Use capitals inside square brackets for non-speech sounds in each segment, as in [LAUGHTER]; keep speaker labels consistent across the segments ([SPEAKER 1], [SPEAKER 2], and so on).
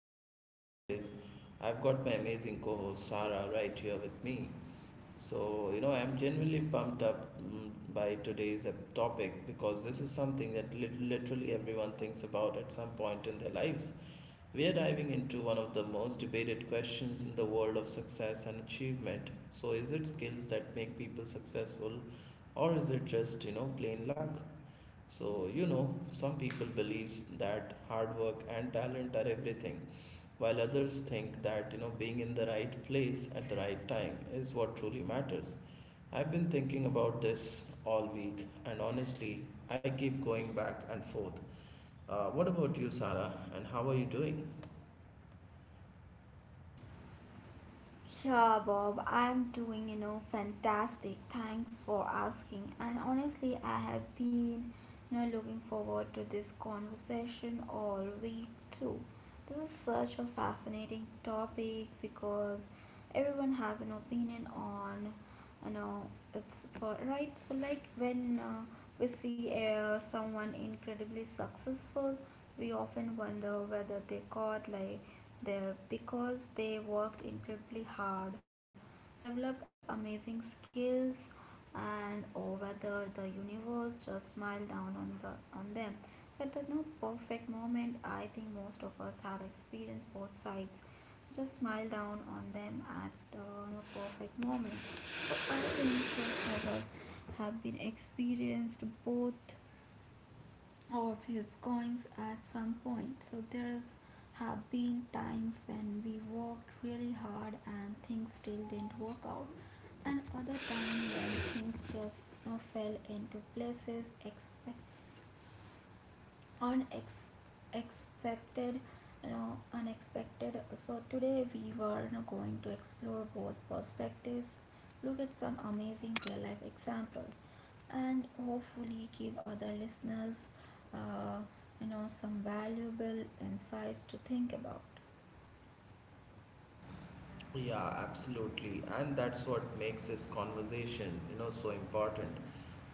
[SPEAKER 1] as always, I've got my amazing co host Sarah right here with me. I'm genuinely pumped up by today's topic because this is something that literally everyone thinks about at some point in their lives. We are diving into one of the most debated questions in the world of success and achievement. So, is it skills that make people successful, or is it just, plain luck? Some people believes that hard work and talent are everything, while others think that, being in the right place at the right time is what truly matters. I've been thinking about this all week, and honestly, I keep going back and forth. What about you, Sarah, and how are you doing?
[SPEAKER 2] Yeah, Bob, I'm doing, fantastic. Thanks for asking. And honestly, I have been, looking forward to this conversation all week too. This is such a fascinating topic because everyone has an opinion on you know it's for right so like when we see someone incredibly successful. We often wonder whether they got there because they worked incredibly hard, so developed amazing skills, and or whether the universe just smiled down on them so at the no perfect moment. I think most of us have experienced both sides just smile down on them at the perfect moment. I think most of us have been experienced both of his goings at some point. So there's have been times when we worked really hard and things still didn't work out, and other times when things just fell into places. Expect on accepted unexpected. So today we were going to explore both perspectives, look at some amazing real life examples, and hopefully give other listeners uh, some valuable insights to think about.
[SPEAKER 1] Yeah, absolutely. And that's what makes this conversation, so important.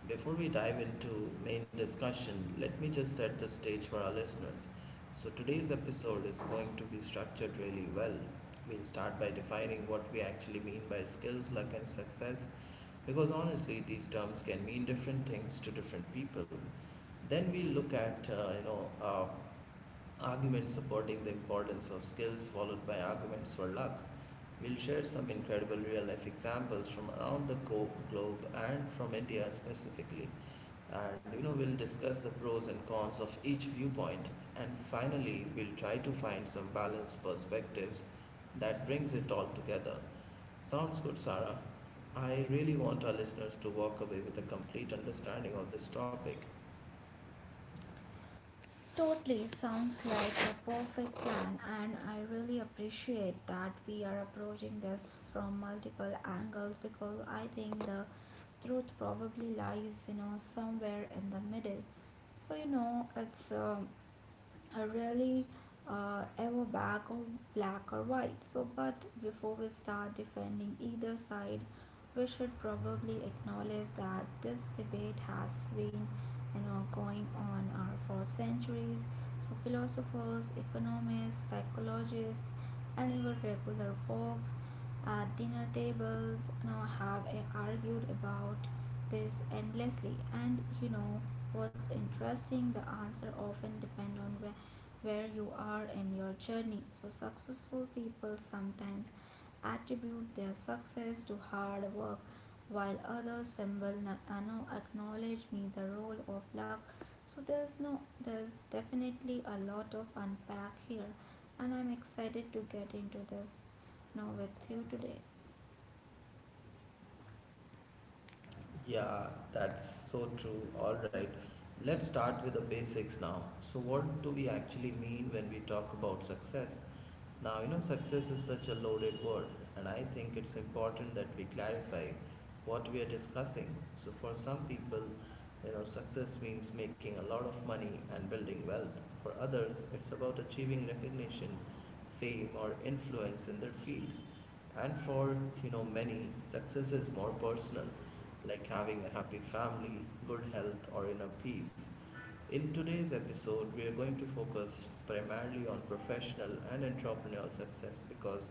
[SPEAKER 1] Before we dive into main discussion, let me just set the stage for our listeners. So today's episode is going to be structured really well. We'll start by defining what we actually mean by skills, luck and success because honestly these terms can mean different things to different people. Then we look at arguments supporting the importance of skills followed by arguments for luck. We'll share some incredible real life examples from around the globe and from India specifically. And you know, we'll discuss the pros and cons of each viewpoint. And finally, we'll try to find some balanced perspectives that brings it all together. Sounds good, Sarah. I really want our listeners to walk away with a complete understanding of this topic.
[SPEAKER 2] Totally sounds like a perfect plan, and I really appreciate that we are approaching this from multiple angles because I think the truth probably lies somewhere in the middle. So you know it's a really ever back or black or white. So but before we start defending either side, we should probably acknowledge that this debate has been going on for centuries. So philosophers, economists, psychologists, and even regular folks at dinner tables now have argued about this endlessly. And you know what's interesting, the answer often depend on where you are in your journey. So successful people sometimes attribute their success to hard work, while others symbol na- no, acknowledge me the role of luck. So there's no there's definitely a lot of unpack here, and I'm excited to get into this now we're here today.
[SPEAKER 1] Yeah, that's so true. All right. Let's start with the basics now. So, what do we actually mean when we talk about success? Now, success is such a loaded word, and I think it's important that we clarify what we are discussing. So, for some people, success means making a lot of money and building wealth. For others, it's about achieving recognition, fame, or influence in their field. And for, many, success is more personal, like having a happy family, good health, or inner peace. In today's episode, we are going to focus primarily on professional and entrepreneurial success because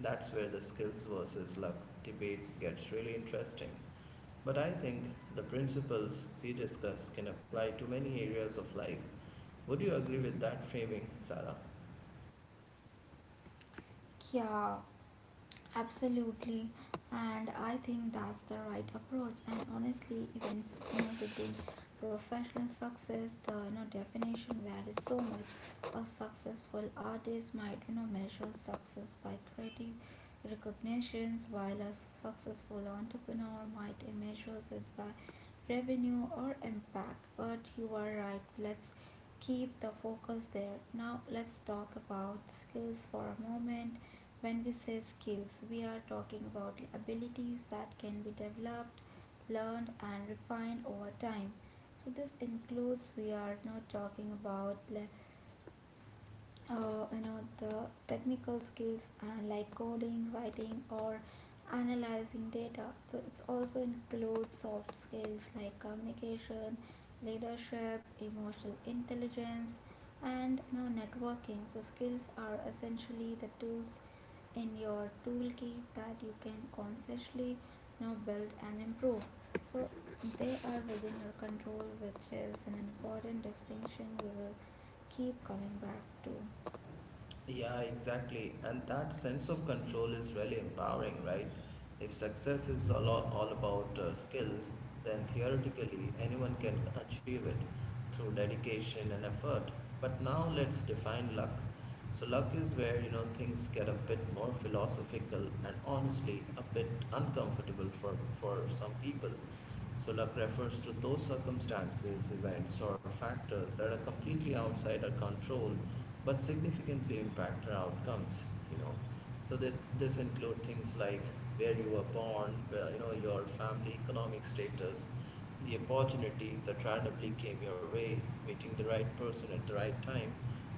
[SPEAKER 1] that's where the skills versus luck debate gets really interesting. But I think the principles we discuss can apply to many areas of life. Would you agree with that framing, Sarah?
[SPEAKER 2] Ya. Absolutely, and I think that's the right approach. And honestly, even within professional success, the definition varies so much. A successful artist might measure success by creative recognitions, while a successful entrepreneur might measure it by revenue or impact. But you are right. Let's keep the focus there. Now let's talk about skills for a moment. When we say skills, we are talking about abilities that can be developed, learned, and refined over time. So this includes we are not talking about the technical skills and like coding, writing, or analyzing data. So it also includes soft skills like communication, leadership, emotional intelligence, and networking. So skills are essentially the tools in your toolkit that you can consciously build and improve. So they are within your control, which is an important distinction we will keep coming back to.
[SPEAKER 1] Yeah, exactly. And that sense of control is really empowering, right? If success is all about skills, then theoretically anyone can achieve it through dedication and effort. But now let's define luck. So luck is where, things get a bit more philosophical and honestly a bit uncomfortable for some people. So luck refers to those circumstances, events, or factors that are completely outside our control but significantly impact our outcomes, you know. So this include things like where you were born, where, your family economic status, the opportunities that randomly came your way, meeting the right person at the right time,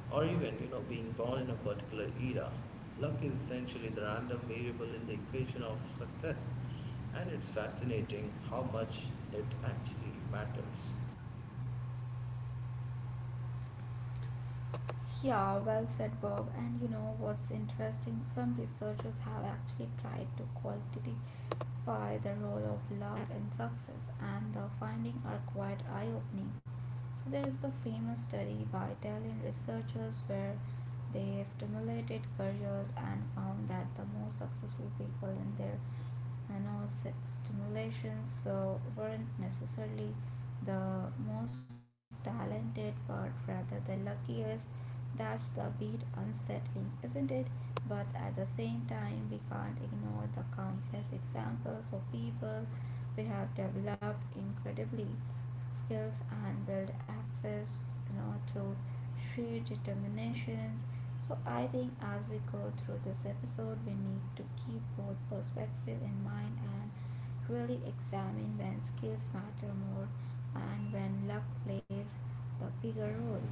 [SPEAKER 1] or even, being born in a particular era. Luck is essentially the random variable in the equation of success, and it's fascinating how much it actually matters.
[SPEAKER 2] Yeah, well said, Bob. And you know what's interesting? Some researchers have actually tried to quantify the role of luck in success, and the findings are quite eye opening. So there is the famous study by Italian researchers where they stimulated careers and found that the most successful people in their stimulations so weren't necessarily the most talented but rather the luckiest. That's the bit unsettling, isn't it? But at the same time, we can't ignore the countless examples of people we have developed incredibly skills and build access through sheer determinations. So I think as we go through this episode, we need to keep both perspective in mind and really examine when skills matter more and when luck plays the bigger role.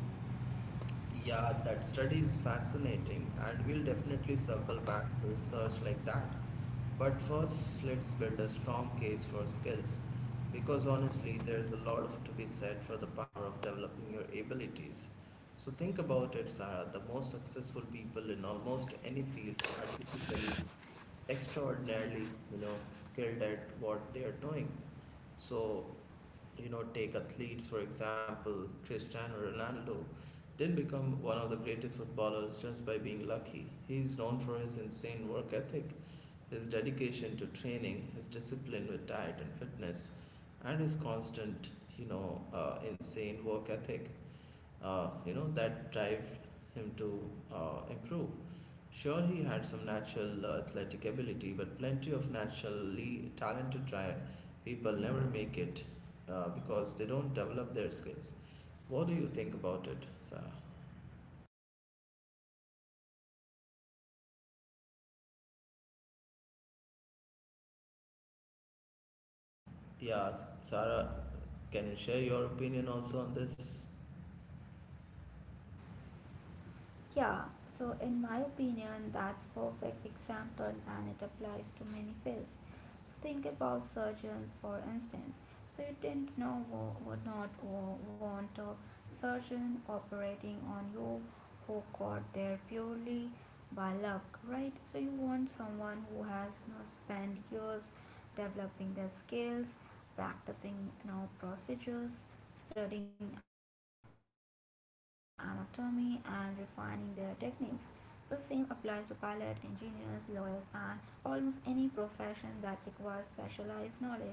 [SPEAKER 1] Yeah, that study is fascinating, and we'll definitely circle back to research like that. But first, let's build a strong case for skills because honestly, there's a lot of to be said for the power of developing your abilities. So, think about it, Sarah. The most successful people in almost any field are typically extraordinarily, skilled at what they are doing. So, take athletes for example, Cristiano Ronaldo didn't become one of the greatest footballers just by being lucky. He's known for his insane work ethic, his dedication to training, his discipline with diet and fitness, and his constant, insane work ethic, that drive him to improve. Sure, he had some natural athletic ability, but plenty of naturally talented people never make it because they don't develop their skills. What do you think about it, Sarah? Yeah, Sarah, can you share your opinion also on this?
[SPEAKER 2] Yeah, so in my opinion that's perfect example and it applies to many fields. So think about surgeons for instance. So you didn't know wo- would not wa- want a surgeon operating on you who got there purely by luck, right? So you want someone who has spent years developing their skills, practicing procedures, studying anatomy, and refining their techniques. The same applies to pilots, engineers, lawyers, and almost any profession that requires specialized knowledge.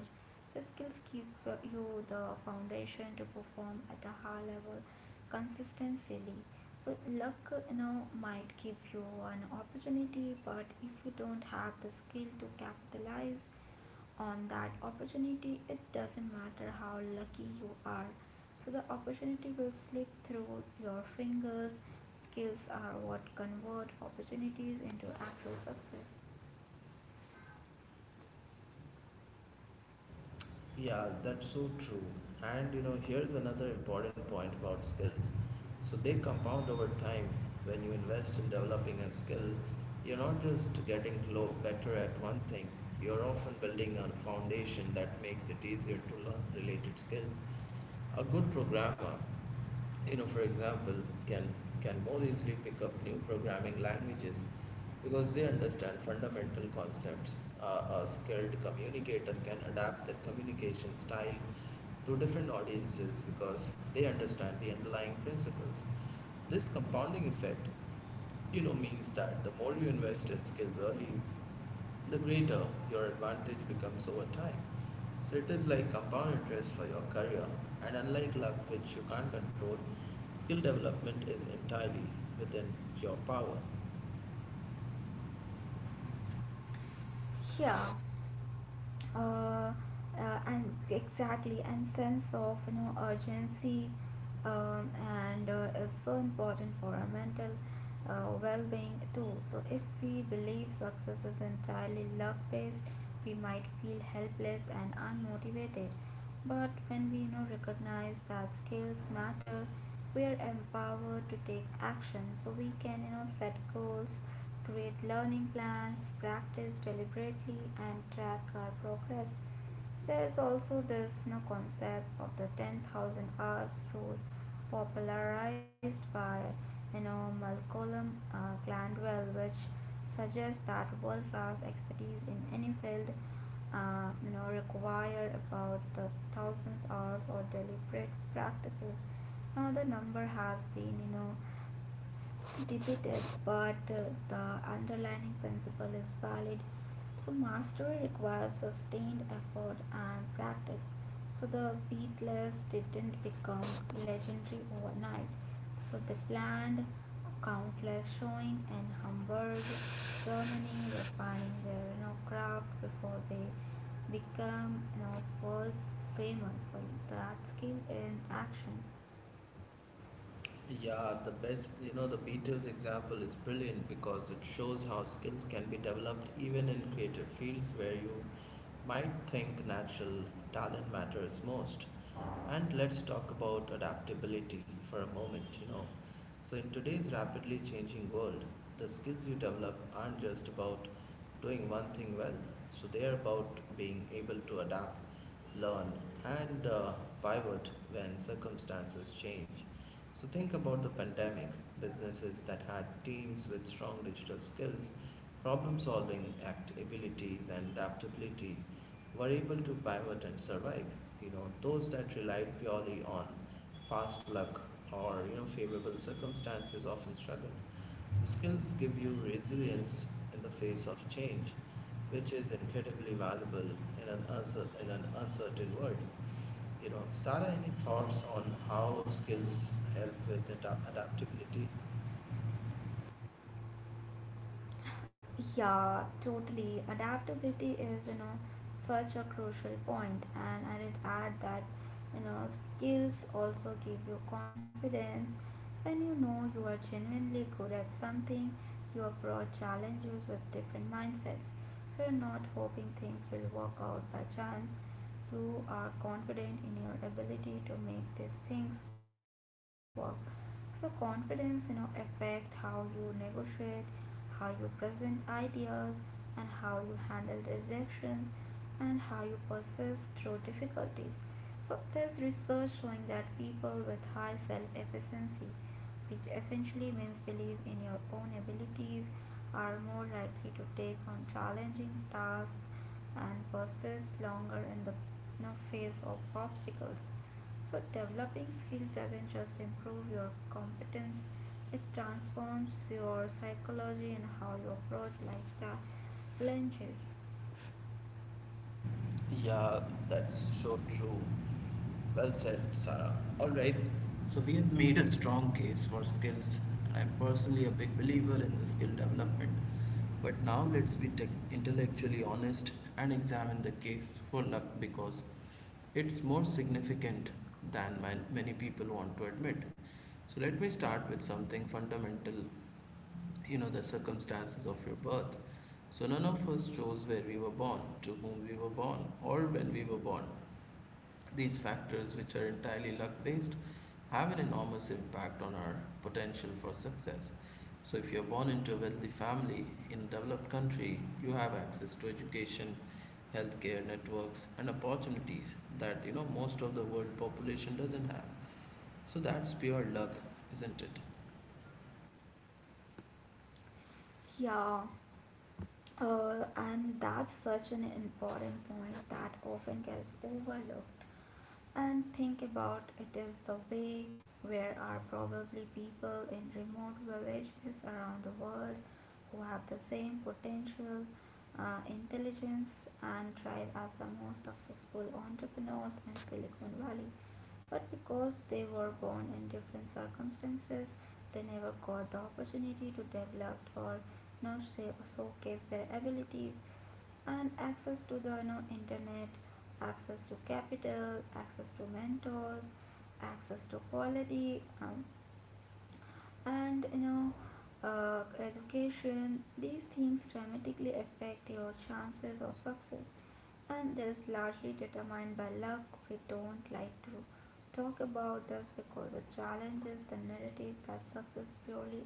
[SPEAKER 2] So skills give you the foundation to perform at a high level consistently. So luck might give you an opportunity, but if you don't have the skill to capitalize on that opportunity, it doesn't matter how lucky you are. So the opportunity will slip through your fingers. Skills are what convert opportunities into actual success.
[SPEAKER 1] Yeah, that's so true. And you know, here's another important point about skills. So they compound over time. When you invest in developing a skill, you're not just getting better at one thing, you're often building a foundation that makes it easier to learn related skills. A good programmer, for example, can can more easily pick up new programming languages because they understand fundamental concepts. A skilled communicator can adapt their communication style to different audiences because they understand the underlying principles. This compounding effect, means that the more you invest in skills early, the greater your advantage becomes over time. So it is like compound interest for your career, and unlike luck, which you can't control, skill development is entirely within your power.
[SPEAKER 2] Yeah. uh, and Exactly. And sense of urgency and is so important for our mental well-being too. So if we believe success is entirely luck based, we might feel helpless and unmotivated, but when we recognize that skills matter, we are empowered to take action. So we can set goals, create learning plans, practice deliberately, and track our progress. There is also this concept of the 10,000 hours rule popularized by Malcolm Gladwell, which suggests that world-class expertise in any field require about the thousands hours of deliberate practices. Now the number has been, debated, but the underlying principle is valid. So mastery requires sustained effort and practice. So the Beatles didn't become legendary overnight. So they planned countless showing in Hamburg, Germany, refining their craft before they become world famous. So that skill in action.
[SPEAKER 1] Yeah, the best, the Beatles example is brilliant because it shows how skills can be developed even in creative fields where you might think natural talent matters most. And let's talk about adaptability for a moment, So, in today's rapidly changing world, the skills you develop aren't just about doing one thing well, so they are about being able to adapt, learn, and pivot when circumstances change. So think about the pandemic. Businesses that had teams with strong digital skills, problem solving act abilities and adaptability were able to pivot and survive. You know, those that relied purely on past luck or you know favorable circumstances often struggled. So skills give you resilience in the face of change, which is incredibly valuable in an uncertain world. You know, Sarah, any thoughts on how skills help with adaptability?
[SPEAKER 2] Yeah, totally. Adaptability is, such a crucial point, and I did add that, skills also give you confidence. When you know you are genuinely good at something, you approach challenges with different mindsets. So you're not hoping things will work out by chance. You are confident in your ability to make these things work. So confidence, affect how you negotiate, how you present ideas, and how you handle rejections, and how you persist through difficulties. So there's research showing that people with high self efficiency, which essentially means believe in your own abilities, are more likely to take on challenging tasks and persist longer in the face of obstacles. So developing skill doesn't just improve your competence, it transforms your psychology and how you approach life challenges.
[SPEAKER 1] Yeah, that's so true. Well said, Sarah. All right, so we have made a strong case for skills, and I'm personally a big believer in the skill development. But now let's be tech intellectually honest and examine the case for luck because it's more significant than many people want to admit. So let me start with something fundamental, you know, the circumstances of your birth, so none of us chose where we were born, to whom we were born, or when we were born. These factors, which are entirely luck based, have an enormous impact on our potential for success. So, if you're born into a wealthy family in a developed country, you have access to education, healthcare networks, and opportunities that you know most of the world population doesn't have. So, that's pure luck, isn't it?
[SPEAKER 2] Yeah, and that's such an important point that often gets overlooked. And think about it is the way where are probably people in remote villages around the world who have the same potential, intelligence, and drive as the most successful entrepreneurs in Silicon Valley. But because they were born in different circumstances, they never got the opportunity to develop or showcase their abilities, and access to the internet, access to capital, access to mentors, access to quality and education. These things dramatically affect your chances of success, and that is largely determined by luck. We don't like to talk about this because it challenges the narrative that success is purely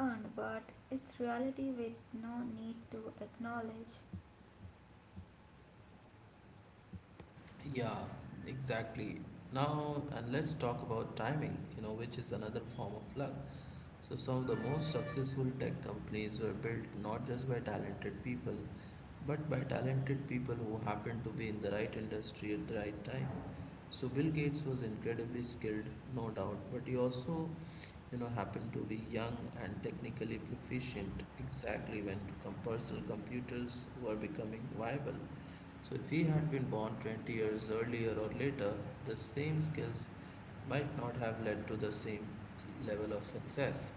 [SPEAKER 2] earned, but it's reality we no need to acknowledge.
[SPEAKER 1] Yeah, exactly. Now, and let's talk about timing, which is another form of luck. So, some of the most successful tech companies were built not just by talented people, but by talented people who happened to be in the right industry at the right time. So, Bill Gates was incredibly skilled, no doubt, but he also, happened to be young and technically proficient exactly when personal computers were becoming viable. So if he had been born 20 years earlier or later, the same skills might not have led to the same level of success.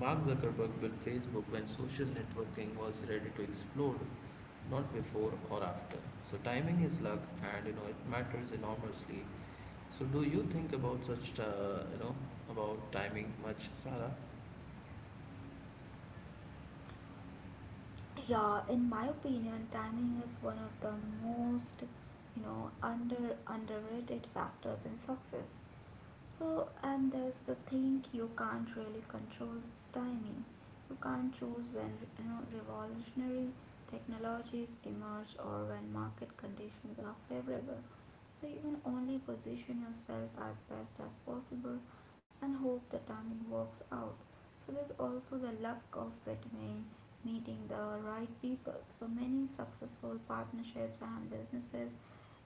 [SPEAKER 1] Mark Zuckerberg built Facebook when social networking was ready to explode, not before or after. So timing is luck and you know it matters enormously. So do you think about such about timing much, Sarah?
[SPEAKER 2] Yeah, in my opinion, timing is one of the most, under underrated factors in success. So, and there's the thing you can't really control timing. You can't choose when revolutionary technologies emerge or when market conditions are favorable. So you can only position yourself as best as possible and hope the timing works out. So there's also the luck of between meeting the right people. So many successful partnerships and businesses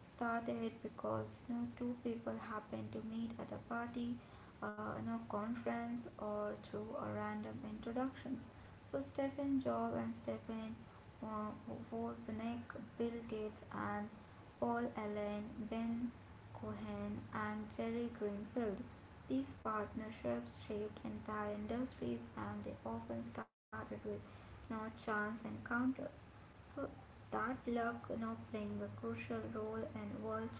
[SPEAKER 2] started because no two people happened to meet at a party, no conference, or through a random introductions. So Stephen Jobs and Stephen uh, Wozniak, Bill Gates, and Paul Allen, Ben Cohen, and Jerry Greenfield. These partnerships shaped entire industries and they often started with no chance encounters. So that luck now playing a crucial role in world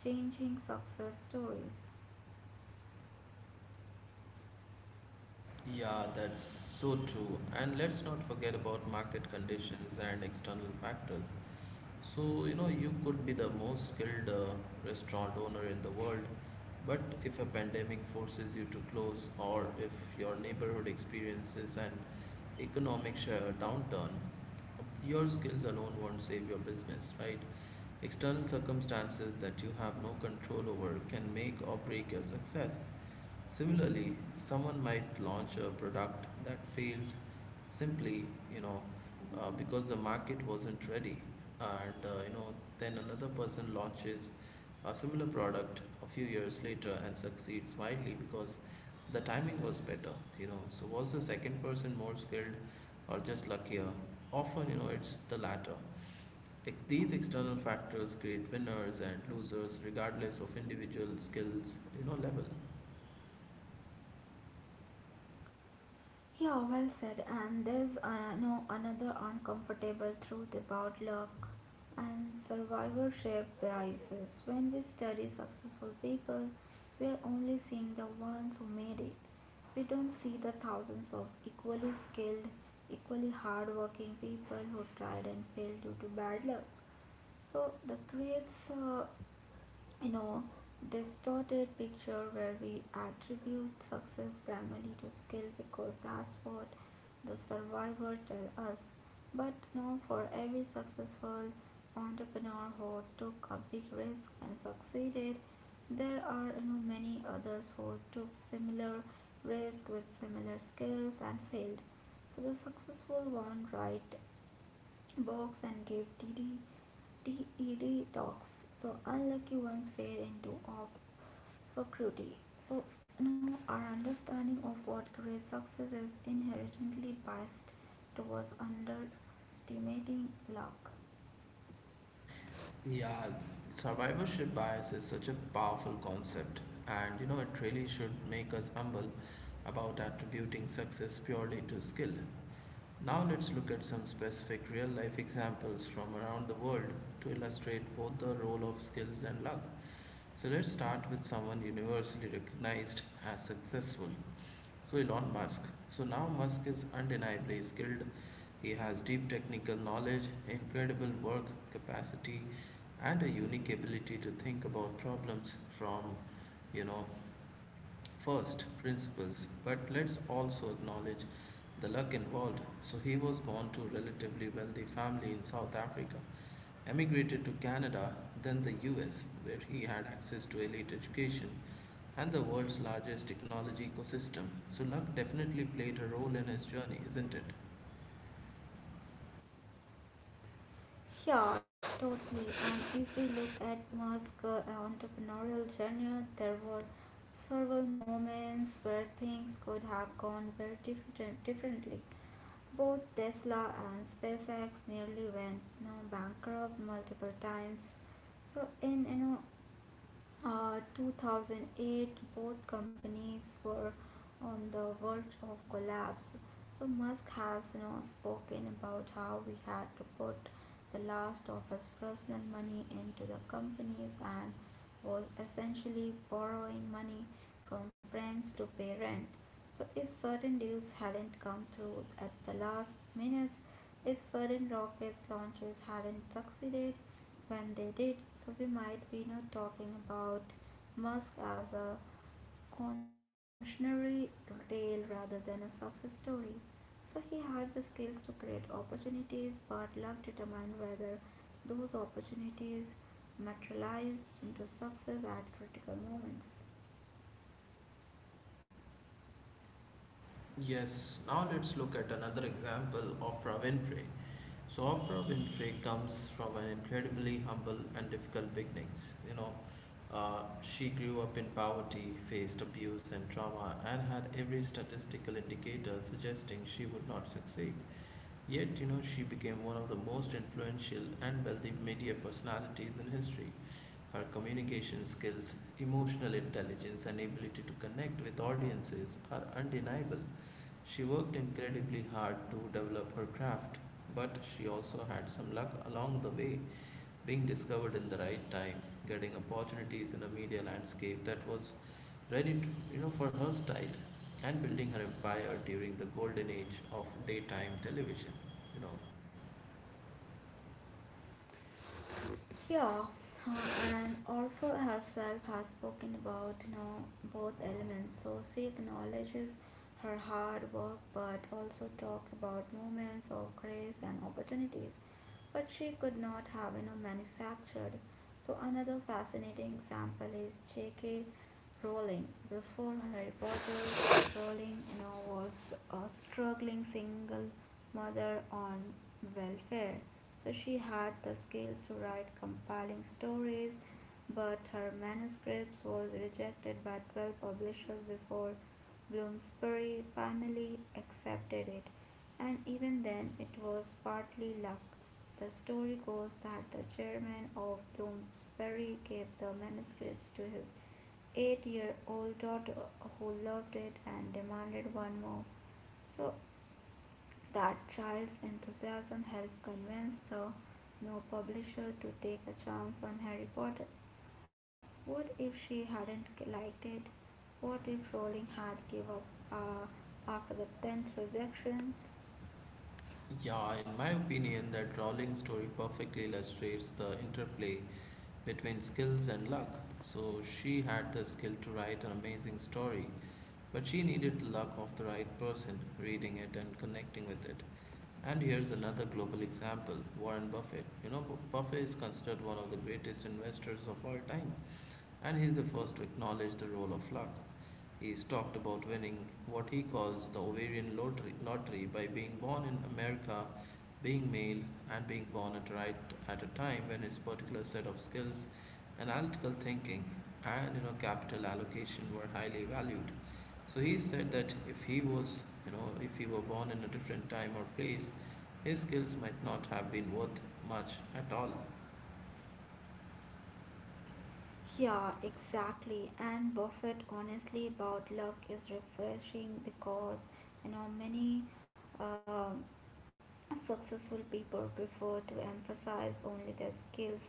[SPEAKER 2] changing success stories.
[SPEAKER 1] Yeah, that's so true. And let's not forget about market conditions and external factors. So, you could be the most skilled restaurant owner in the world, but if a pandemic forces you to close, or if your neighborhood experiences an economic downturn, your skills alone won't save your business, right? External circumstances that you have no control over can make or break your success. Similarly, someone might launch a product that fails simply, you know, because the market wasn't ready, and then another person launches a similar product a few years later and succeeds widely because the timing was better, So, was the second person more skilled or just luckier? Often, it's the latter. These external factors create winners and losers regardless of individual skills, level.
[SPEAKER 2] Yeah, well said. And there's no another uncomfortable truth about luck and survivorship biases. When we study successful people, we're only seeing the ones who made it. We don't see the thousands of equally skilled, equally hardworking people who tried and failed due to bad luck. So that creates a you know distorted picture where we attribute success primarily to skill because that's what the survivor tell us. But no, for every successful entrepreneur who took a big risk and succeeded, there are many others who took similar risk with similar skills and failed. So the successful one right box and gave TED talks. So unlucky ones fell into obscurity. So now our understanding of what great success is inherently biased towards underestimating luck.
[SPEAKER 1] Yeah, survivorship bias is such a powerful concept, and you know, it really should make us humble about attributing success purely to skill. Now, let's look at some specific real life examples from around the world to illustrate both the role of skills and luck. So, let's start with someone universally recognized as successful. So Elon Musk. So now Musk is undeniably skilled. He has deep technical knowledge, incredible work capacity, and a unique ability to think about problems from, you know, first principles. But let's also acknowledge the luck involved. So he was born to a relatively wealthy family in South Africa, emigrated to Canada, then the US, where he had access to elite education and the world's largest technology ecosystem. So, luck definitely played a role in his journey, isn't it?
[SPEAKER 2] Sure, totally. And if we look at Musk's entrepreneurial journey, there were several moments where things could have gone differently. Both Tesla and SpaceX nearly went bankrupt multiple times. So in 2008, both companies were on the verge of collapse. So Musk has spoken about how we had to put the last of his personal money into the companies and was essentially borrowing money from friends to pay rent. So if certain deals hadn't come through at the last minutes, if certain rocket launches hadn't succeeded when they did, so we might be not talking about Musk as a cautionary tale rather than a success story. So he had the skills to create opportunities, but luck determined whether those opportunities materialized into success at critical moments.
[SPEAKER 1] Yes, now let's look at another example, Oprah Winfrey. So, Oprah Winfrey comes from an incredibly humble and difficult beginnings. She grew up in poverty, faced abuse and trauma, and had every statistical indicator suggesting she would not succeed. Yet, she became one of the most influential and wealthy media personalities in history. Her communication skills, emotional intelligence, and ability to connect with audiences are undeniable. She worked incredibly hard to develop her craft, but she also had some luck along the way, being discovered in the right time, getting opportunities in a media landscape that was ready, to, for her style, and building her empire during the golden age of daytime television. You know,
[SPEAKER 2] Yeah, uh, and Orpheus herself has spoken about both elements. So she acknowledges her hard work, but also talks about moments of grace and opportunities, but she could not have manufactured. So another fascinating example is J.K. Rowling. Before Harry Potter, Rowling was a struggling single mother on welfare. So she had the skills to write compelling stories, but her manuscripts was rejected by 12 publishers before Bloomsbury finally accepted it, and even then it was partly luck. The story goes that the chairman of Bloomsbury gave the manuscripts to his 8 year old daughter who loved it and demanded one more. So that child's enthusiasm helped convince the new publisher to take a chance on Harry Potter. What if she hadn't liked it? What if Rowling had give up uh, after the tenth rejections?
[SPEAKER 1] yeah, in my opinion, that Rowling's story perfectly illustrates the interplay between skills and luck. So she had the skill to write an amazing story, but she needed the luck of the right person reading it and connecting with it. And here's another global example, Warren Buffett. You know, Buffett is considered one of the greatest investors of all time, and he's the first to acknowledge the role of luck. He's talked about winning what he calls the ovarian lottery, lottery by being born in America, being male, and being born at right at a time when his particular set of skills, analytical thinking, and you know capital allocation were highly valued. So he said that if he was, you know, if he were born in a different time or place, his skills might not have been worth much at all.
[SPEAKER 2] Yeah, exactly. And Buffett honestly about luck is refreshing because many um successful people prefer to emphasize only their skills.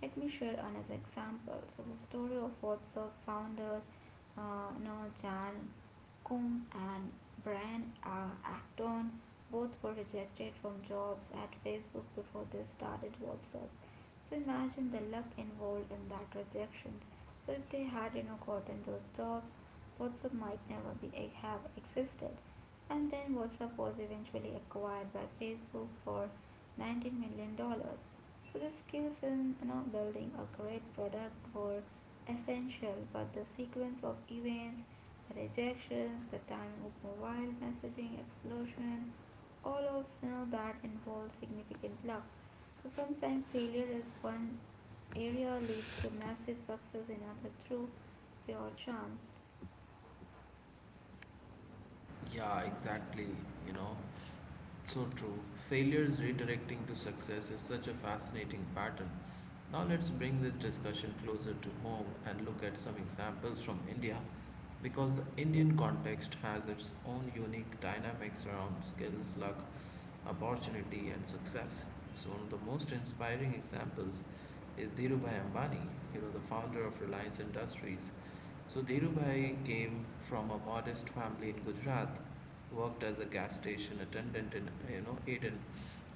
[SPEAKER 2] Let me share another example. So the story of WhatsApp founders Noah Jan Kum and Brian Acton, both were rejected from jobs at Facebook before they started WhatsApp. So imagine the luck involved in that rejections. So if they had gotten those jobs, WhatsApp might never have existed, and then WhatsApp was eventually acquired by Facebook for 19 million dollars. So the skills in building a great product were essential, but the sequence of events, the rejections, the timing of mobile messaging explosion, all of that involves significant luck. So sometimes failure is one area leads to massive success in another through pure chance.
[SPEAKER 1] Yeah, exactly. You know, so true. Failures redirecting to success is such a fascinating pattern. Now, let's bring this discussion closer to home and look at some examples from India because the Indian context has its own unique dynamics around skills, luck, opportunity, and success. So, one of the most inspiring examples is Dhirubhai Ambani, you know, the founder of Reliance Industries. So Dhirubhai came from a modest family in Gujarat, worked as a gas station attendant in you know Aden,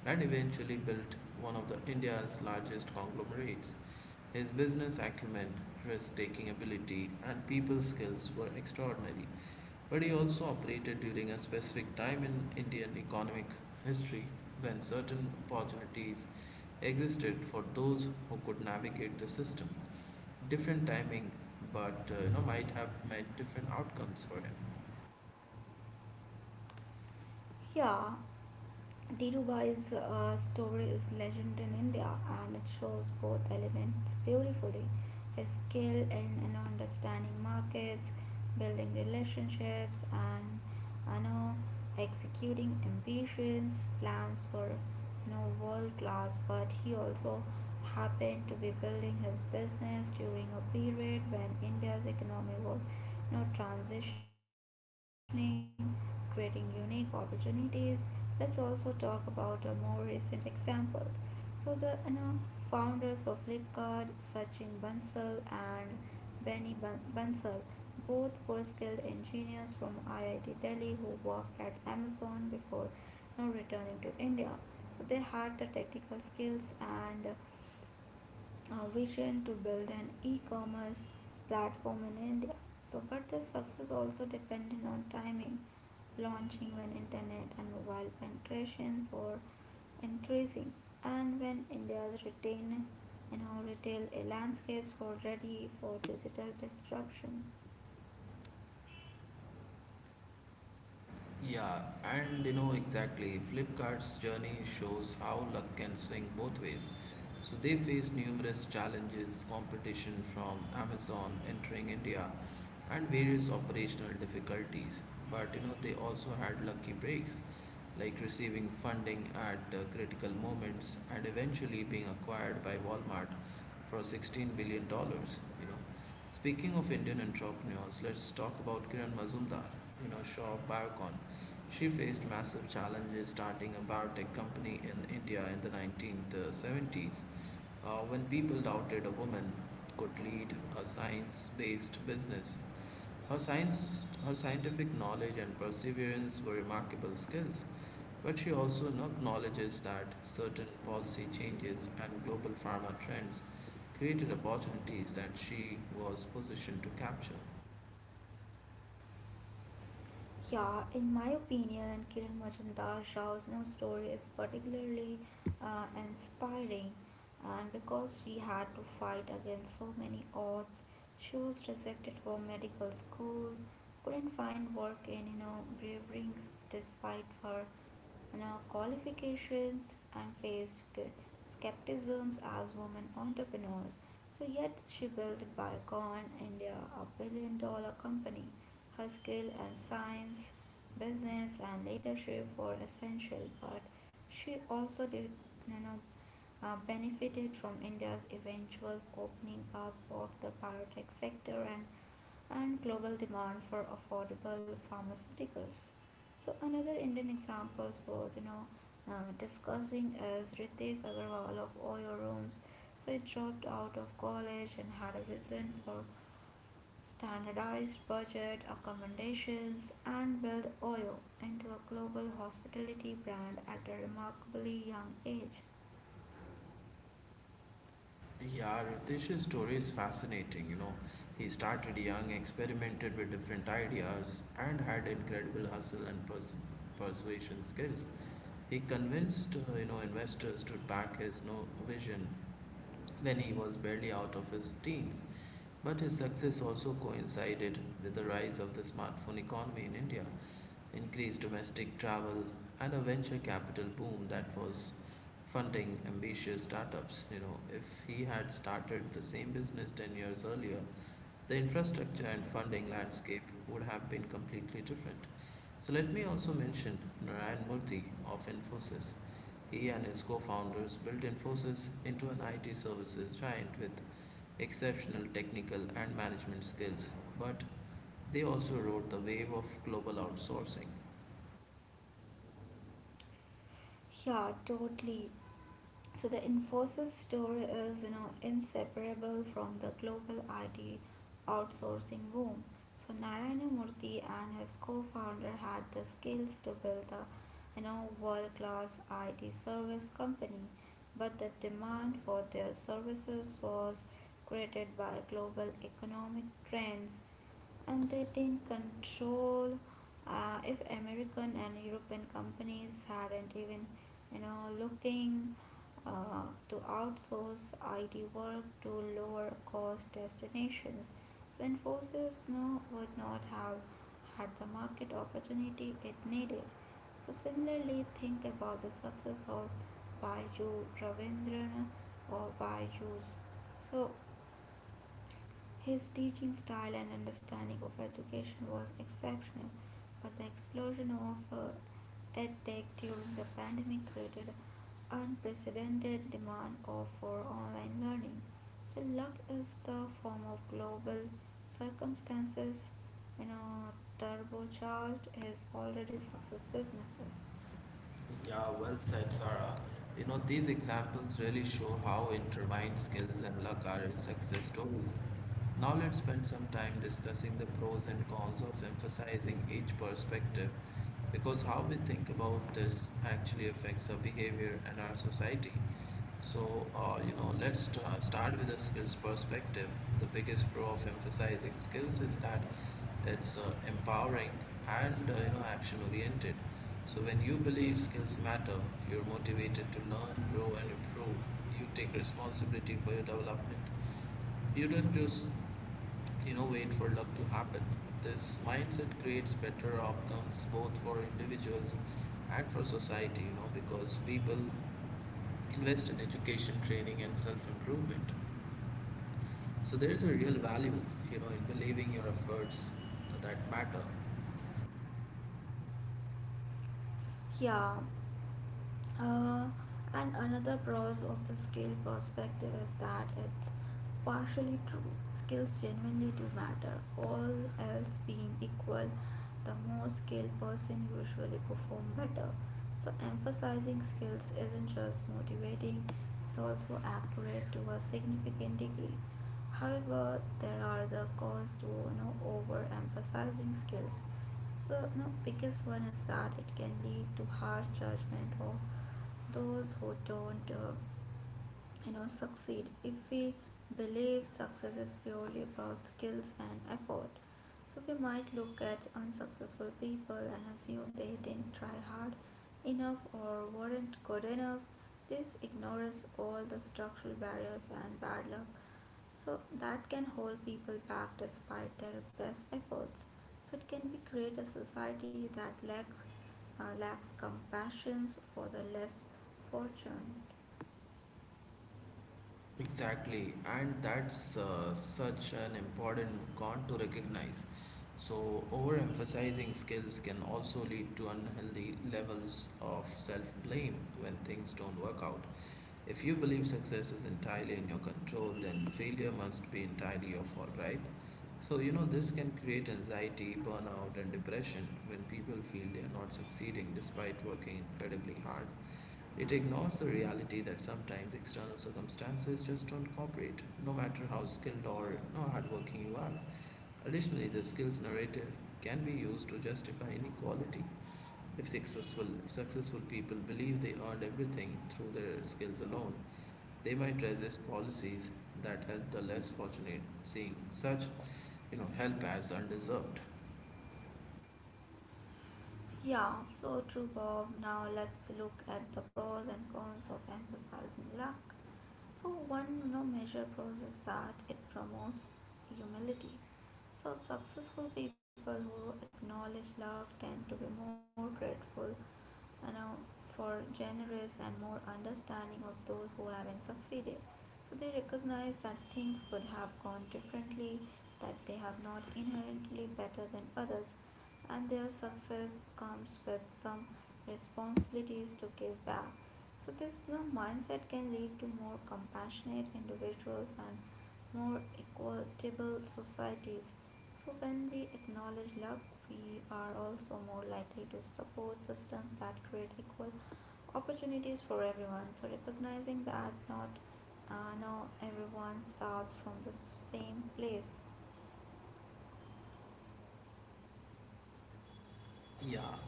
[SPEAKER 1] and eventually built one of the India's largest conglomerates. His business acumen, risk-taking ability, and people skills were extraordinary, but he also operated during a specific time in Indian economic history when certain opportunities existed for those who could navigate the system. Different timing, but you know, might have meant different outcomes for him.
[SPEAKER 2] Yeah, Dhirubai's story is legend in India, and it shows both elements beautifully: skill in understanding markets, building relationships, and you know, executing ambitious plans for world class. But he also happened to be building his business during a period when India's economy was transitioning, creating unique opportunities. Let's also talk about a more recent example. So the founders of Flipkart, Sachin Bansal and Benny Bansal, both were skilled engineers from IIT Delhi who worked at Amazon before returning to India. So they had the technical skills and vision to build an e-commerce platform in India. So but this success also depended on timing, launching when internet and mobile penetration were increasing, and when India's retail and our retail landscapes were ready for digital disruption.
[SPEAKER 1] Yeah, and you know exactly, Flipkart's journey shows how luck can swing both ways. So they faced numerous challenges, competition from Amazon entering India, and various operational difficulties. But you know, they also had lucky breaks, like receiving funding at critical moments and eventually being acquired by Walmart for 16 billion dollars, you know. Speaking of Indian entrepreneurs, let's talk about Kiran Mazumdar, you know, Shaw of Biocon. She faced massive challenges starting a biotech company in India in the 1970s, when people doubted a woman could lead a science based business. Her scientific knowledge and perseverance were remarkable skills, but she also acknowledges that certain policy changes and global pharma trends created opportunities that she was positioned to capture.
[SPEAKER 2] Yeah, in my opinion, Kiran Majumdar Rao's new story is particularly inspiring, and because she had to fight against so many odds, she was rejected from medical school, couldn't find work, and braving despite her qualifications, and faced skepticisms as women entrepreneurs. So yet she built Biocon India, a billion dollar company. Her skill in science, business, and leadership were essential, but she also did, you know, benefited from India's eventual opening up of the biotech sector and global demand for affordable pharmaceuticals. So another Indian example was discussing is Ritesh Agarwal of Oyo Rooms. So he dropped out of college and had a vision for standardized budget, accommodations, and build Oyo into a global hospitality brand at a remarkably young age.
[SPEAKER 1] Yeah, Ritesh's story is fascinating. You know, he started young, experimented with different ideas, and had incredible hustle and persuasion skills. He convinced, you know, investors to back his no vision when he was barely out of his teens. But his success also coincided with the rise of the smartphone economy in India, increased domestic travel, and a venture capital boom that was funding ambitious startups. You know, if he had started the same business 10 years earlier, the infrastructure and funding landscape would have been completely different. So, let me also mention Narayan Murthy of Infosys. He and his co founders built Infosys into an IT services giant with exceptional technical and management skills, but they also rode the wave of global outsourcing.
[SPEAKER 2] Yeah, totally. So the Infosys story is, inseparable from the global IT outsourcing boom. So Narayanamurthy and his co-founder had the skills to build a, world-class IT service company, but the demand for their services was created by global economic trends, and they didn't control if American and European companies hadn't even, looking to outsource IT work to lower cost destinations. So Infosys no, would not have had the market opportunity it needed. So similarly, think about the success of Baidu Ravindran or Baiju's. So his teaching style and understanding of education was exceptional, but the explosion of EdTech during the pandemic created unprecedented demand for online learning. So luck is the form of global circumstances, you know, turbocharged his already successful businesses.
[SPEAKER 1] Yeah, well said, Sarah. You know, these examples really show how intertwined skills and luck are in success stories. Now, let's spend some time discussing the pros and cons of emphasizing each perspective because how we think about this actually affects our behavior and our society. So, you know, let's start with the skills perspective. The biggest pro of emphasizing skills is that it's empowering and you know action oriented. So when you believe skills matter, you're motivated to learn, grow, and improve. You take responsibility for your development. You don't just, you know, wait for luck to happen. This mindset creates better outcomes both for individuals and for society, you know, because people invest in education, training, and self improvement. So there is a real value, you know, in believing your efforts that matter.
[SPEAKER 2] Yeah. Uh, and another pros of the skill perspective is that it's partially true. Skills genuinely do matter, all else being equal. The more skilled person usually perform better. So emphasizing skills isn't just motivating, it's also accurate to a significant degree. However, there are the cons to overemphasizing skills. So, no, biggest one is that it can lead to harsh judgment of those who don't, succeed. If we believe success is purely about skills and effort, so we might look at unsuccessful people and assume they didn't try hard enough or weren't good enough. This ignores all the structural barriers and bad luck so that can hold people back despite their best efforts. So it can be create a society that lacks compassion for the less fortunate.
[SPEAKER 1] Exactly, and that's such an important con to recognize. So, overemphasizing skills can also lead to unhealthy levels of self blame when things don't work out. If you believe success is entirely in your control, then failure must be entirely your fault, right? So, you know, this can create anxiety, burnout, and depression when people feel they are not succeeding despite working incredibly hard. It ignores the reality that sometimes external circumstances just don't cooperate, no matter how skilled or how hardworking you are. Additionally, the skills narrative can be used to justify inequality. If successful people believe they earned everything through their skills alone, they might resist policies that help the less fortunate, seeing such, you know, help as undeserved.
[SPEAKER 2] Yeah, so true, Bob. Now let's look at the pros and cons of emphasizing luck. So one major pros is that it promotes humility. So successful people who acknowledge luck tend to be more grateful you know, for generous and more understanding of those who haven't succeeded. So they recognize that things could have gone differently, that they have not inherently better than others, and their success comes with some responsibilities to give back. So this mindset can lead to more compassionate individuals and more equitable societies. So when we acknowledge love, we are also more likely to support systems that create equal opportunities for everyone. So recognizing that not no everyone starts from the same place.
[SPEAKER 1] Yeah,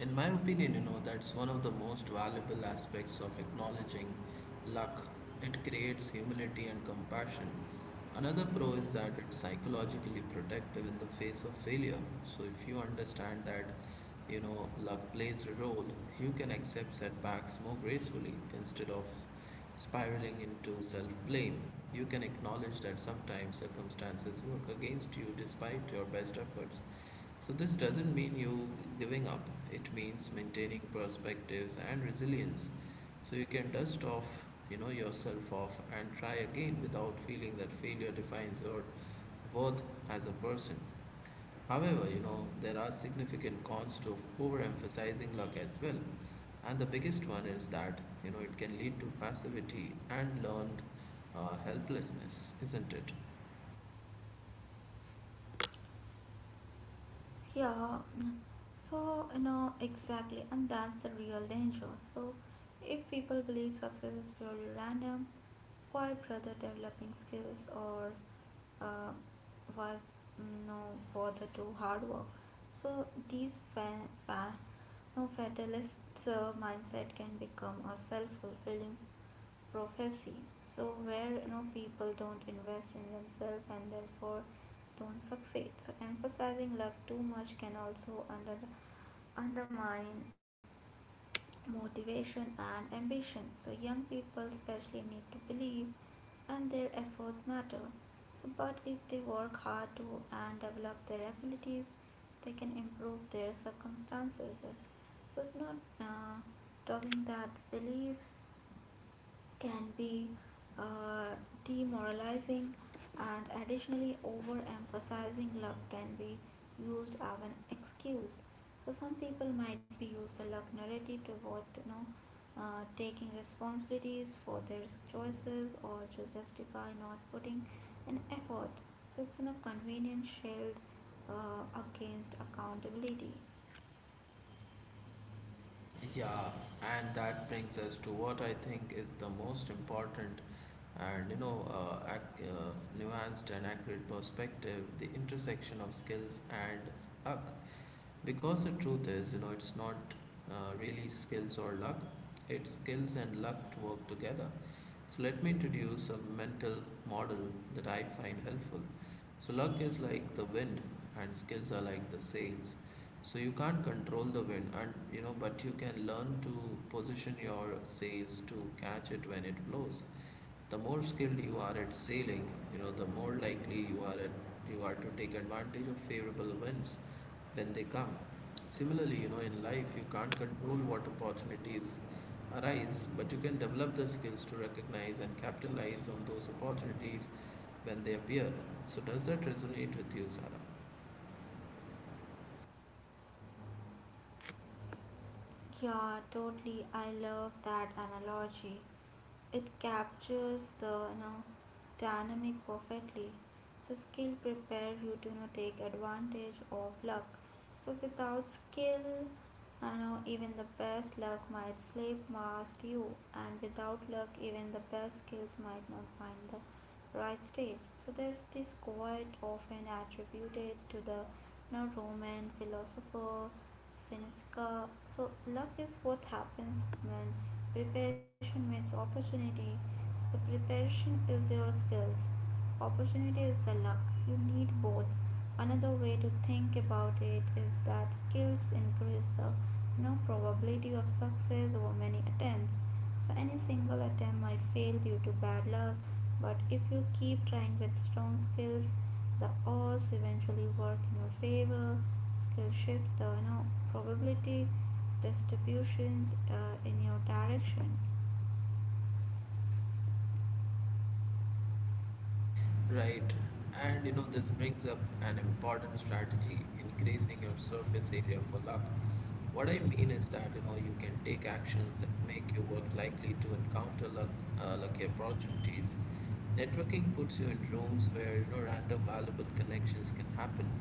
[SPEAKER 1] in my opinion, you know, that's one of the most valuable aspects of acknowledging luck. It creates humility and compassion. Another pro is that it's psychologically protective in the face of failure. So if you understand that, you know, luck plays a role, you can accept setbacks more gracefully instead of spiraling into self-blame. You can acknowledge that sometimes circumstances work against you despite your best efforts. So, this doesn't mean you giving up, it means maintaining perspectives and resilience. So, you can dust off, you know, yourself off and try again without feeling that failure defines your worth as a person. However, you know, there are significant cons to overemphasizing luck as well. And the biggest one is that, you know, it can lead to passivity and learned helplessness, isn't it?
[SPEAKER 2] Yeah, so exactly, and that's the real danger. So if people believe success is purely random, while brother developing skills or uh, while no bother to hard work, so these no fatalist mindset can become a self-fulfilling prophecy, so where people don't invest in themselves and therefore don't succeed. So emphasizing luck too much can also undermine motivation and ambition. So young people especially need to believe and their efforts matter. So but if they work hard to and develop their abilities, they can improve their circumstances. So it's not talking that beliefs can be uh, demoralizing, and additionally, overemphasizing luck can be used as an excuse. So some people might be use the luck narrative to avoid, taking responsibilities for their choices or to justify not putting an effort. So it's in a convenient shield against accountability.
[SPEAKER 1] Yeah, and that brings us to what I think is the most important and you know nuanced and accurate perspective, the intersection of skills and luck, because the truth is you know it's not really skills or luck, it's skills and luck to work together. So let me introduce a mental model that I find helpful. So luck is like the wind and skills are like the sails. So you can't control the wind and you know but you can learn to position your sails to catch it when it blows. The more skilled you are at sailing, you know the more likely you are to take advantage of favorable winds when they come. Similarly, you know in life you can't control what opportunities arise, but you can develop the skills to recognize and capitalize on those opportunities when they appear. So does that resonate with you, Sarah?
[SPEAKER 2] Yeah, totally. I love that analogy. It captures the dynamic perfectly. So skill prepare you to take advantage of luck. So without skill, even the best luck might slip past you, and without luck, even the best skills might not find the right stage. So there's this quote often attributed to the Roman philosopher since so luck is what happens when preparation meets opportunity. So preparation is your skills, opportunity is the luck, you need both. Another way to think about it is that skills increase the no probability of success over many attempts. So any single attempt might fail due to bad luck, but if you keep trying with strong skills, the odds eventually work in your favor. Skill shift the probability distributions in your direction.
[SPEAKER 1] Right. And you know, this brings up an important strategy, increasing your surface area for luck. What I mean is that you know you can take actions that make your work likely to encounter luck, lucky opportunities. Networking puts you in rooms where you know random valuable connections can happen,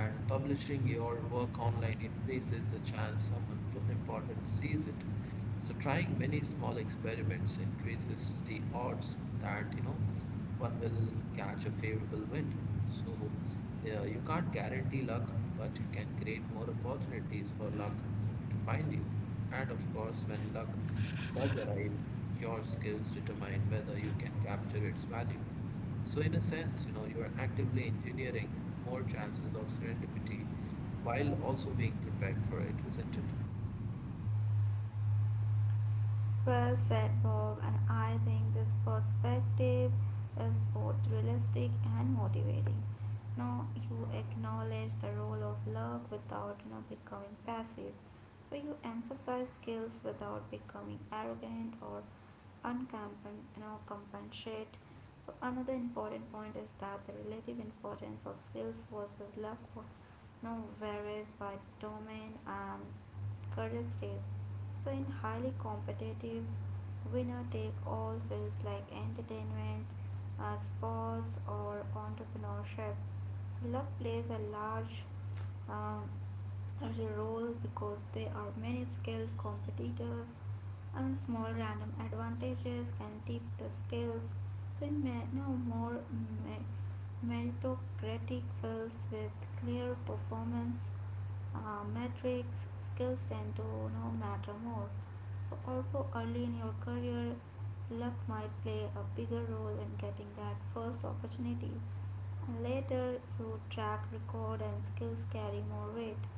[SPEAKER 1] and publishing your work online increases the chance someone people important sees it. So trying many small experiments increases the odds that you know one will catch a favorable wind. So you can't guarantee luck, but you can create more opportunities for luck to find you. And of course, when luck does arrive, your skills determine whether you can capture its value. So in a sense, you know, you are actively engineering more chances of serendipity while also being prepared for it, isn't it?
[SPEAKER 2] Well said, Bob, and I think this perspective is both realistic and motivating. Now you acknowledge the role of luck without becoming passive. So you emphasize skills without becoming arrogant or uncompen you know compensate. So another important point is that the relative importance of skills versus now varies by domain and career stage. So in highly competitive, winner take all fields like entertainment, sports, or entrepreneurship. So luck plays um, a role because there are many skilled competitors and small random advantages can tip the scales, so no more me- meritocratic fields with clear performance metrics, skills tend to no matter more. So also early in your career, luck might play a bigger role in getting that first opportunity, and later your track record and skills carry more weight.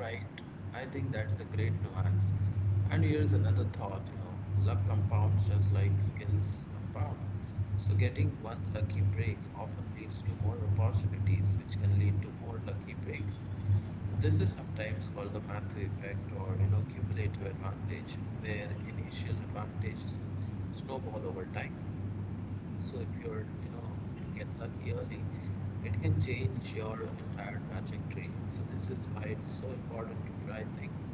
[SPEAKER 1] Right. I think that's a great nuance. And here's another thought, you know, luck compounds just like skills compound. So getting one lucky break often leads to more opportunities, which can lead to more lucky breaks. So this is sometimes called the Matthew effect or you know cumulative advantage, where initial advantages snowball over time. So if you're, you know, if you get lucky early, it can change your entire trajectory. So this is why it's so important to try things.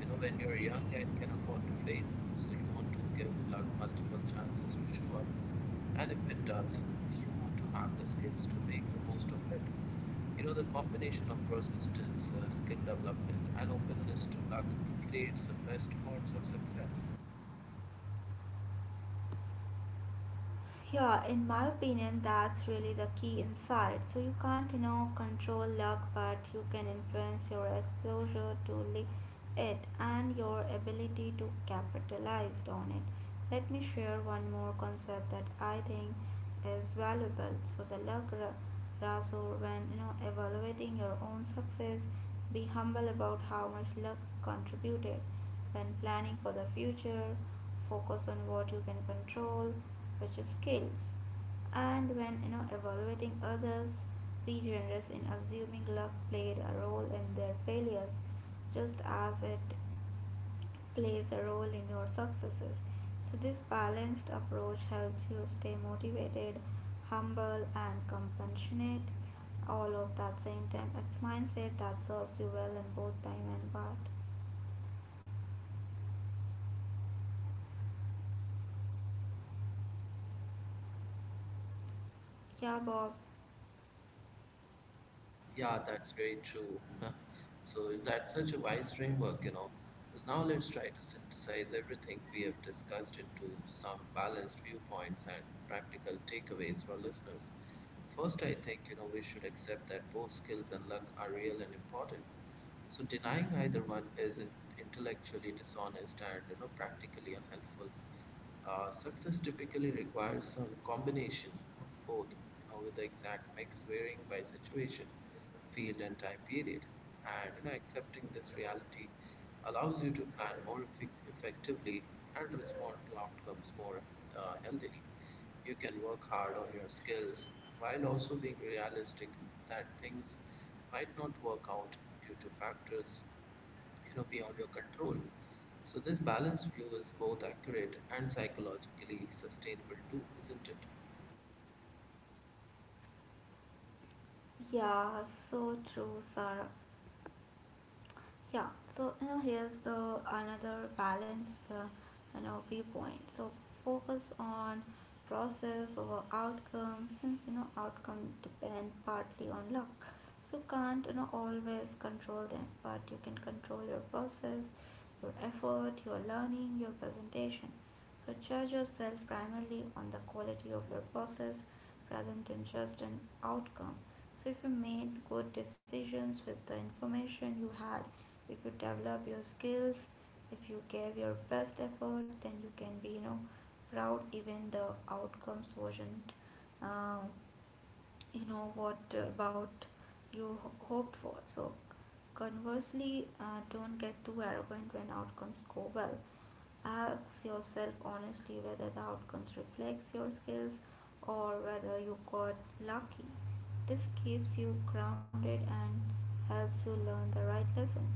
[SPEAKER 1] You know, when you're young and can afford to fail, so you want to give luck multiple chances to show up. And if it does, you want to have the skills to make the most of it. You know, the combination of persistence, skill development, and openness to luck creates the best odds of success.
[SPEAKER 2] Yeah, in my opinion, that's really the key insight. So you can't, control luck, but you can influence your exposure to it and your ability to capitalize on it. Let me share one more concept that I think is valuable. So the razor, when evaluating your own success, be humble about how much luck contributed. When planning for the future, focus on what you can control, which is skills. And when evaluating others, be generous in assuming luck played a role in their failures, just as it plays a role in your successes. So this balanced approach helps you stay motivated, humble, and compassionate. All of that same time, it's mindset that serves you well in both time and part. Yeah, Bob.
[SPEAKER 1] Yeah, that's very true. [LAUGHS] So that's such a wise framework. Now let's try to synthesize everything we have discussed into some balanced viewpoints and practical takeaways for listeners. First, I think we should accept that both skills and luck are real and important. So denying either one is intellectually dishonest and practically unhelpful. Success typically requires some combination of both, with the exact mix varying by situation, field, and time period. And you know, accepting this reality allows you to plan more effic effectively and respond to outcomes more healthily. You can work hard on your skills while also being realistic that things might not work out due to factors beyond your control. So this balanced view is both accurate and psychologically sustainable too, isn't it?
[SPEAKER 2] Yeah, so true, Sarah. Yeah, so here's the another balance viewpoint. So focus on process over outcome, since outcome depend partly on luck, so can't always control them, but you can control your process, your effort, your learning, your presentation. So judge yourself primarily on the quality of your process rather than just an outcome. So if you made good decisions with the information you had, if you develop your skills, if you give your best effort, then you can be proud even the outcomes wasn't, uh, what about you hoped for. So conversely, don't get too arrogant when outcomes go well. Ask yourself honestly whether the outcomes reflects your skills or whether you got lucky. This keeps you grounded and helps you learn the right lessons.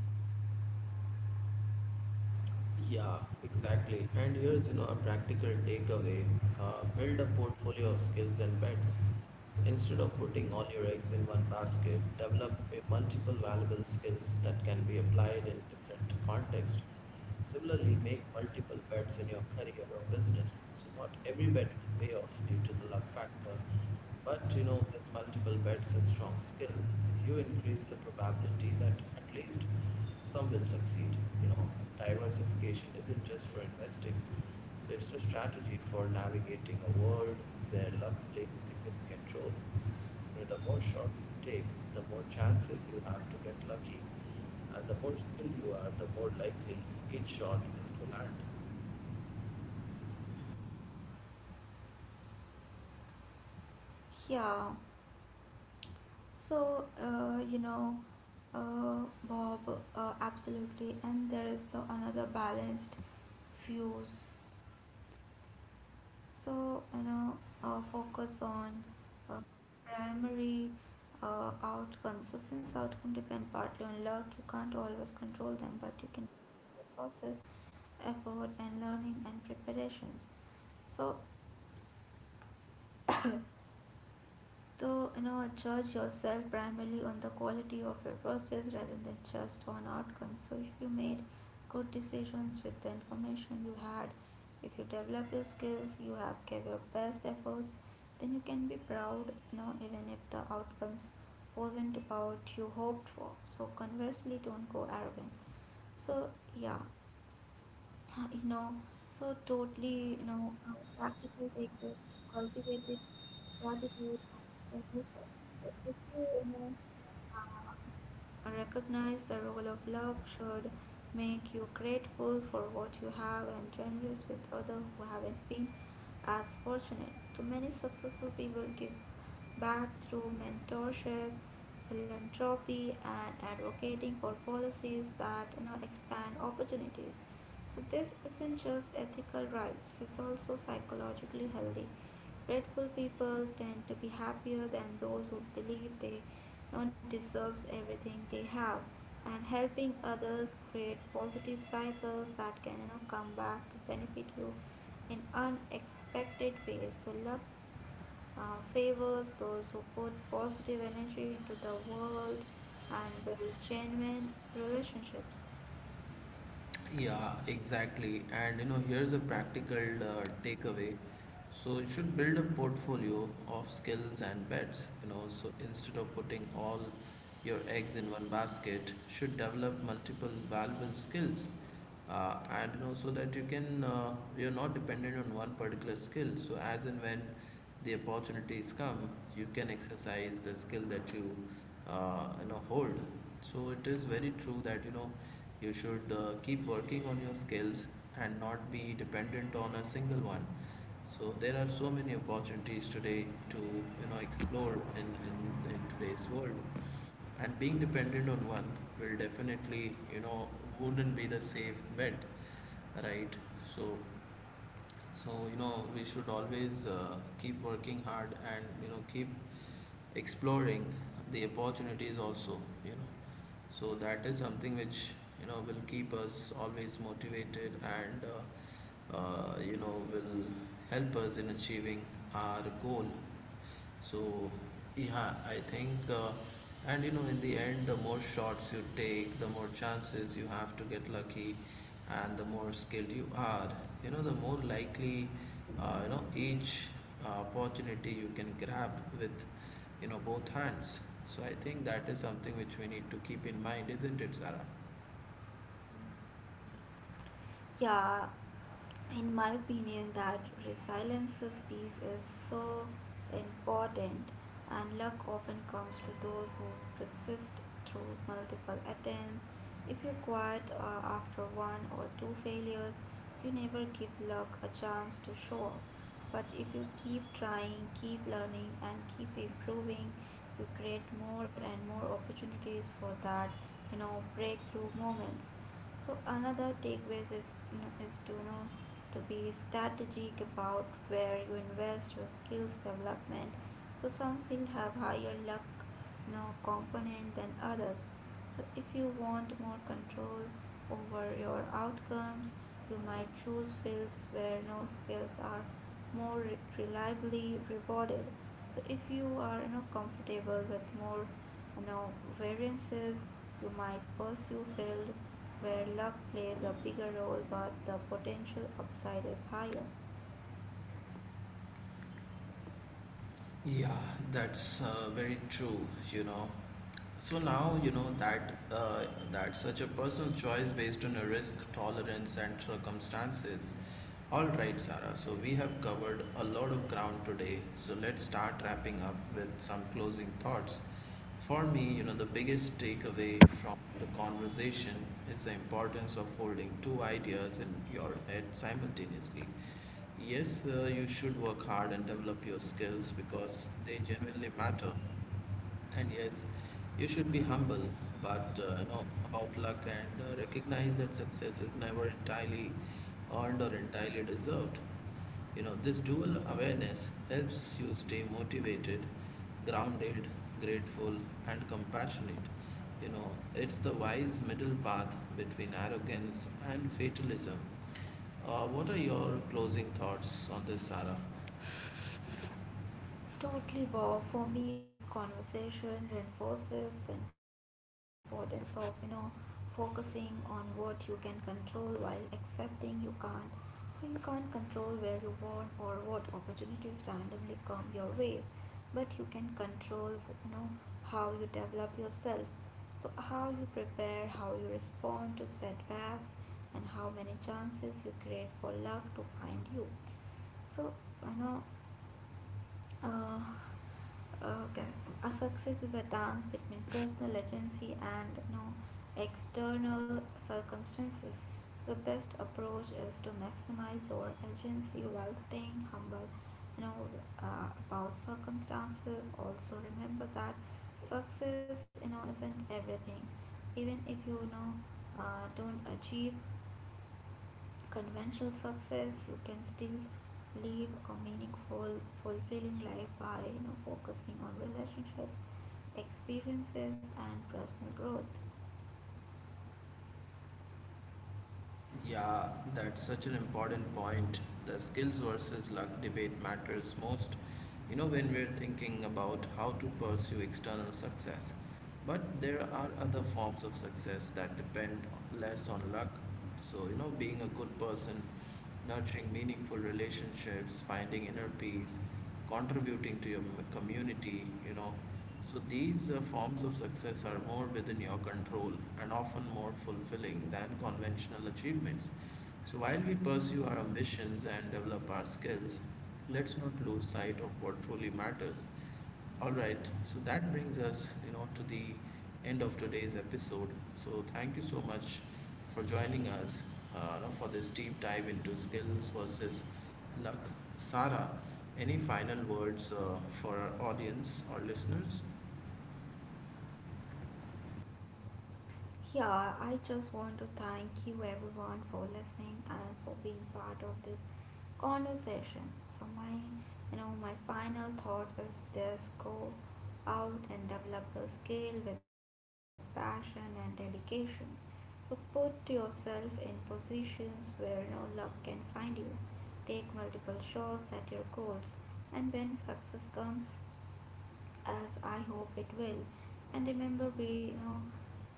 [SPEAKER 1] Yeah, exactly. And here's, a practical takeaway. Build a portfolio of skills and bets. Instead of putting all your eggs in one basket, develop a multiple valuable skills that can be applied in different contexts. Similarly, make multiple bets in your career or business. So not every bet will pay off due to the luck factor. But you know, with multiple bets and strong skills, you increase the probability that at least some will succeed. You know, diversification isn't just for investing, so it's a strategy for navigating a world where luck plays a significant role. You know, the more shots you take, the more chances you have to get lucky, and the more skilled you are, the more likely each shot is to land.
[SPEAKER 2] Yeah. So, Bob, absolutely. And there is the another balanced fuse. So, focus on uh, primary outcomes. So, since outcome depend partly on luck, you can't always control them, but you can control the process, effort, and learning and preparations. So, judge yourself primarily on the quality of your process rather than just on outcomes. So if you made good decisions with the information you had, if you develop your skills, you have gave your best efforts, then you can be proud, even if the outcomes wasn't about you hoped for. So conversely, don't go arrogant. So yeah, uh, you know, so totally, practical take this, is cultivated gratitude and self-respect. So if you, recognize the role of luck should make you grateful for what you have and generous with others who haven't been as fortunate. So many successful people give back through mentorship, philanthropy, and advocating for policies that expand opportunities. So this isn't just ethical rights, it's also psychologically healthy. Grateful people tend to be happier than those who believe they don't deserve everything they have. And helping others create positive cycles that can come back to benefit you in unexpected ways. So luck favors those who put positive energy into the world and build genuine relationships.
[SPEAKER 1] Yeah, exactly. And here's a practical takeaway. So you should build a portfolio of skills and bets, so instead of putting all your eggs in one basket, should develop multiple valuable skills, so that you can, you're not dependent on one particular skill, so as and when the opportunities come, you can exercise the skill that you, you know hold. So it is very true that you should keep working on your skills and not be dependent on a single one. So there are so many opportunities today to explore in today's world, and being dependent on one will definitely, you know wouldn't be the safe bet, right? So so we should always, keep working hard, and keep exploring the opportunities also, you know. So that is something which, will keep us always motivated, and will help us in achieving our goal. So yeah, I think, in the end, the more shots you take, the more chances you have to get lucky, and the more skilled you are, the more likely, each opportunity you can grab with, both hands. So I think that is something which we need to keep in mind, isn't it, Sarah?
[SPEAKER 2] Yeah, in my opinion that resiliences piece is so important, and luck often comes to those who persist through multiple attempts. If you quit after one or two failures, you never give luck a chance to show up. But if you keep trying, keep learning, and keep improving, you create more and more opportunities for that breakthrough moments. So another takeaways is, you know, to be strategic about where you invest your skills development. So some field have higher luck, component than others. So if you want more control over your outcomes, you might choose fields where, skills are reliably rewarded. So if you are, comfortable with more, you know variances, you might pursue field where luck plays a bigger role but the potential upside is higher.
[SPEAKER 1] Yeah, that's, very true, you know. So now you know that that such a personal choice based on a risk tolerance and circumstances. All right, Sarah. So we have covered a lot of ground today. So let's start wrapping up with some closing thoughts. For me, the biggest takeaway from the conversation is the importance of holding two ideas in your head simultaneously. Yes, you should work hard and develop your skills because they genuinely matter. And yes, you should be humble, but, about luck, and recognize that success is never entirely earned or entirely deserved. You know, this dual awareness helps you stay motivated, grounded, grateful, and compassionate. You know, it's the wise middle path between arrogance and fatalism. What are your closing thoughts on this, Sarah?
[SPEAKER 2] Totally, Bob. For me, this conversation reinforces the importance of, focusing on what you can control while accepting you can't. So, you can't control where you born or what opportunities randomly come your way, but you can control, you know, how you develop yourself. So, how you prepare, how you respond to setbacks, and how many chances you create for luck to find you. So, you know, uh, okay. A success is a dance between personal agency and, external circumstances. So the best approach is to maximize your agency while staying humble. You know about circumstances. Also remember that success isn't everything. Even if you, you know don't achieve conventional success, you can still live a meaningful, fulfilling life by focusing on relationships, experiences, and personal growth.
[SPEAKER 1] Yeah, that's such an important point. The skills versus luck debate matters most, when we're thinking about how to pursue external success. But there are other forms of success that depend less on luck. So, being a good person, nurturing meaningful relationships, finding inner peace, contributing to your community, you know. So these, forms of success are more within your control and often more fulfilling than conventional achievements. So while we pursue our ambitions and develop our skills, let's not lose sight of what truly matters. All right, so that brings us, to the end of today's episode. So thank you so much for joining us, for this deep dive into skills versus luck. Sarah, any final words, for our audience or listeners?
[SPEAKER 2] Yeah, I just want to thank you everyone for listening and for being part of this conversation. So my, my final thought is this: go out and develop your skill with passion and dedication. So put yourself in positions where no luck can find you. Take multiple shots at your goals, and when success comes, as I hope it will. And remember, be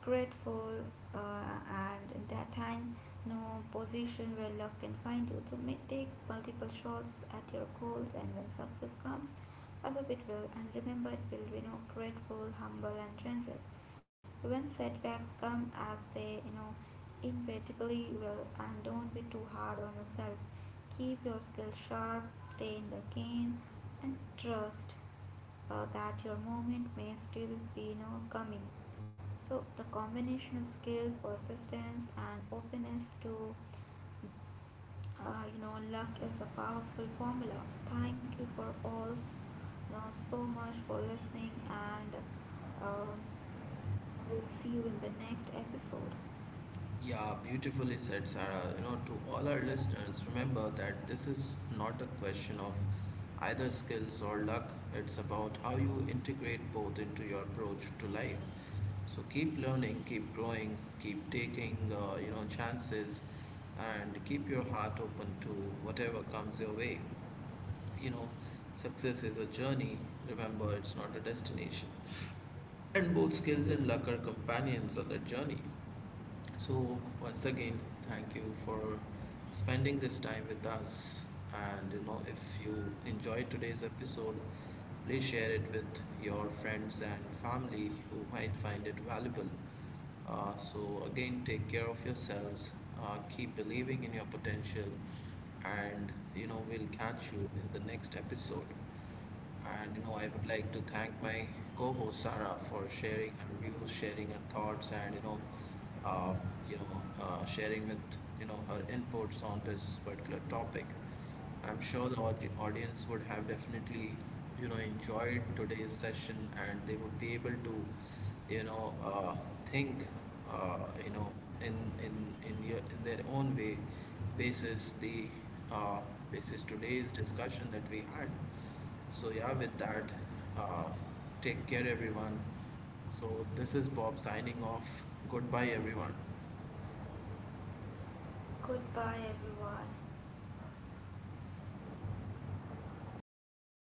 [SPEAKER 2] grateful, uh, and in that time, no position where luck can find you. So may take multiple shots at your goals, and when success comes, as of it will. And remember, it will be grateful, humble, and generous. So when setbacks come, as they inevitably will, and don't be too hard on yourself. Keep your skill sharp, stay in the game, and trust that your moment may still be now coming. So, the combination of skill, persistence, and openness to, luck is a powerful formula. Thank you for all, so much for listening, and uh, we'll see you in the next episode.
[SPEAKER 1] Yeah, beautifully said, Sarah. You know, to all our listeners, remember that this is not a question of either skills or luck. It's about how you integrate both into your approach to life. So keep learning, keep growing, keep taking, chances, and keep your heart open to whatever comes your way. You know, success is a journey. Remember, it's not a destination. And both skills and luck are companions on that journey. So once again, thank you for spending this time with us. And if you enjoyed today's episode, please share it with your friends and family who might find it valuable. So, again, take care of yourselves, keep believing in your potential, and we'll catch you in the next episode. And I would like to thank my co host Sarah for sharing her views, sharing her thoughts, and uh, sharing with her inputs on this particular topic. I'm sure the audience would have definitely, enjoyed today's session and they would be able to, you know, uh, think, uh, you know, in in in your in their own way, basis the, uh, basis today's discussion that we had. So yeah, with that, uh, take care everyone. So this is Bob signing off. Goodbye everyone.
[SPEAKER 2] Goodbye, everyone.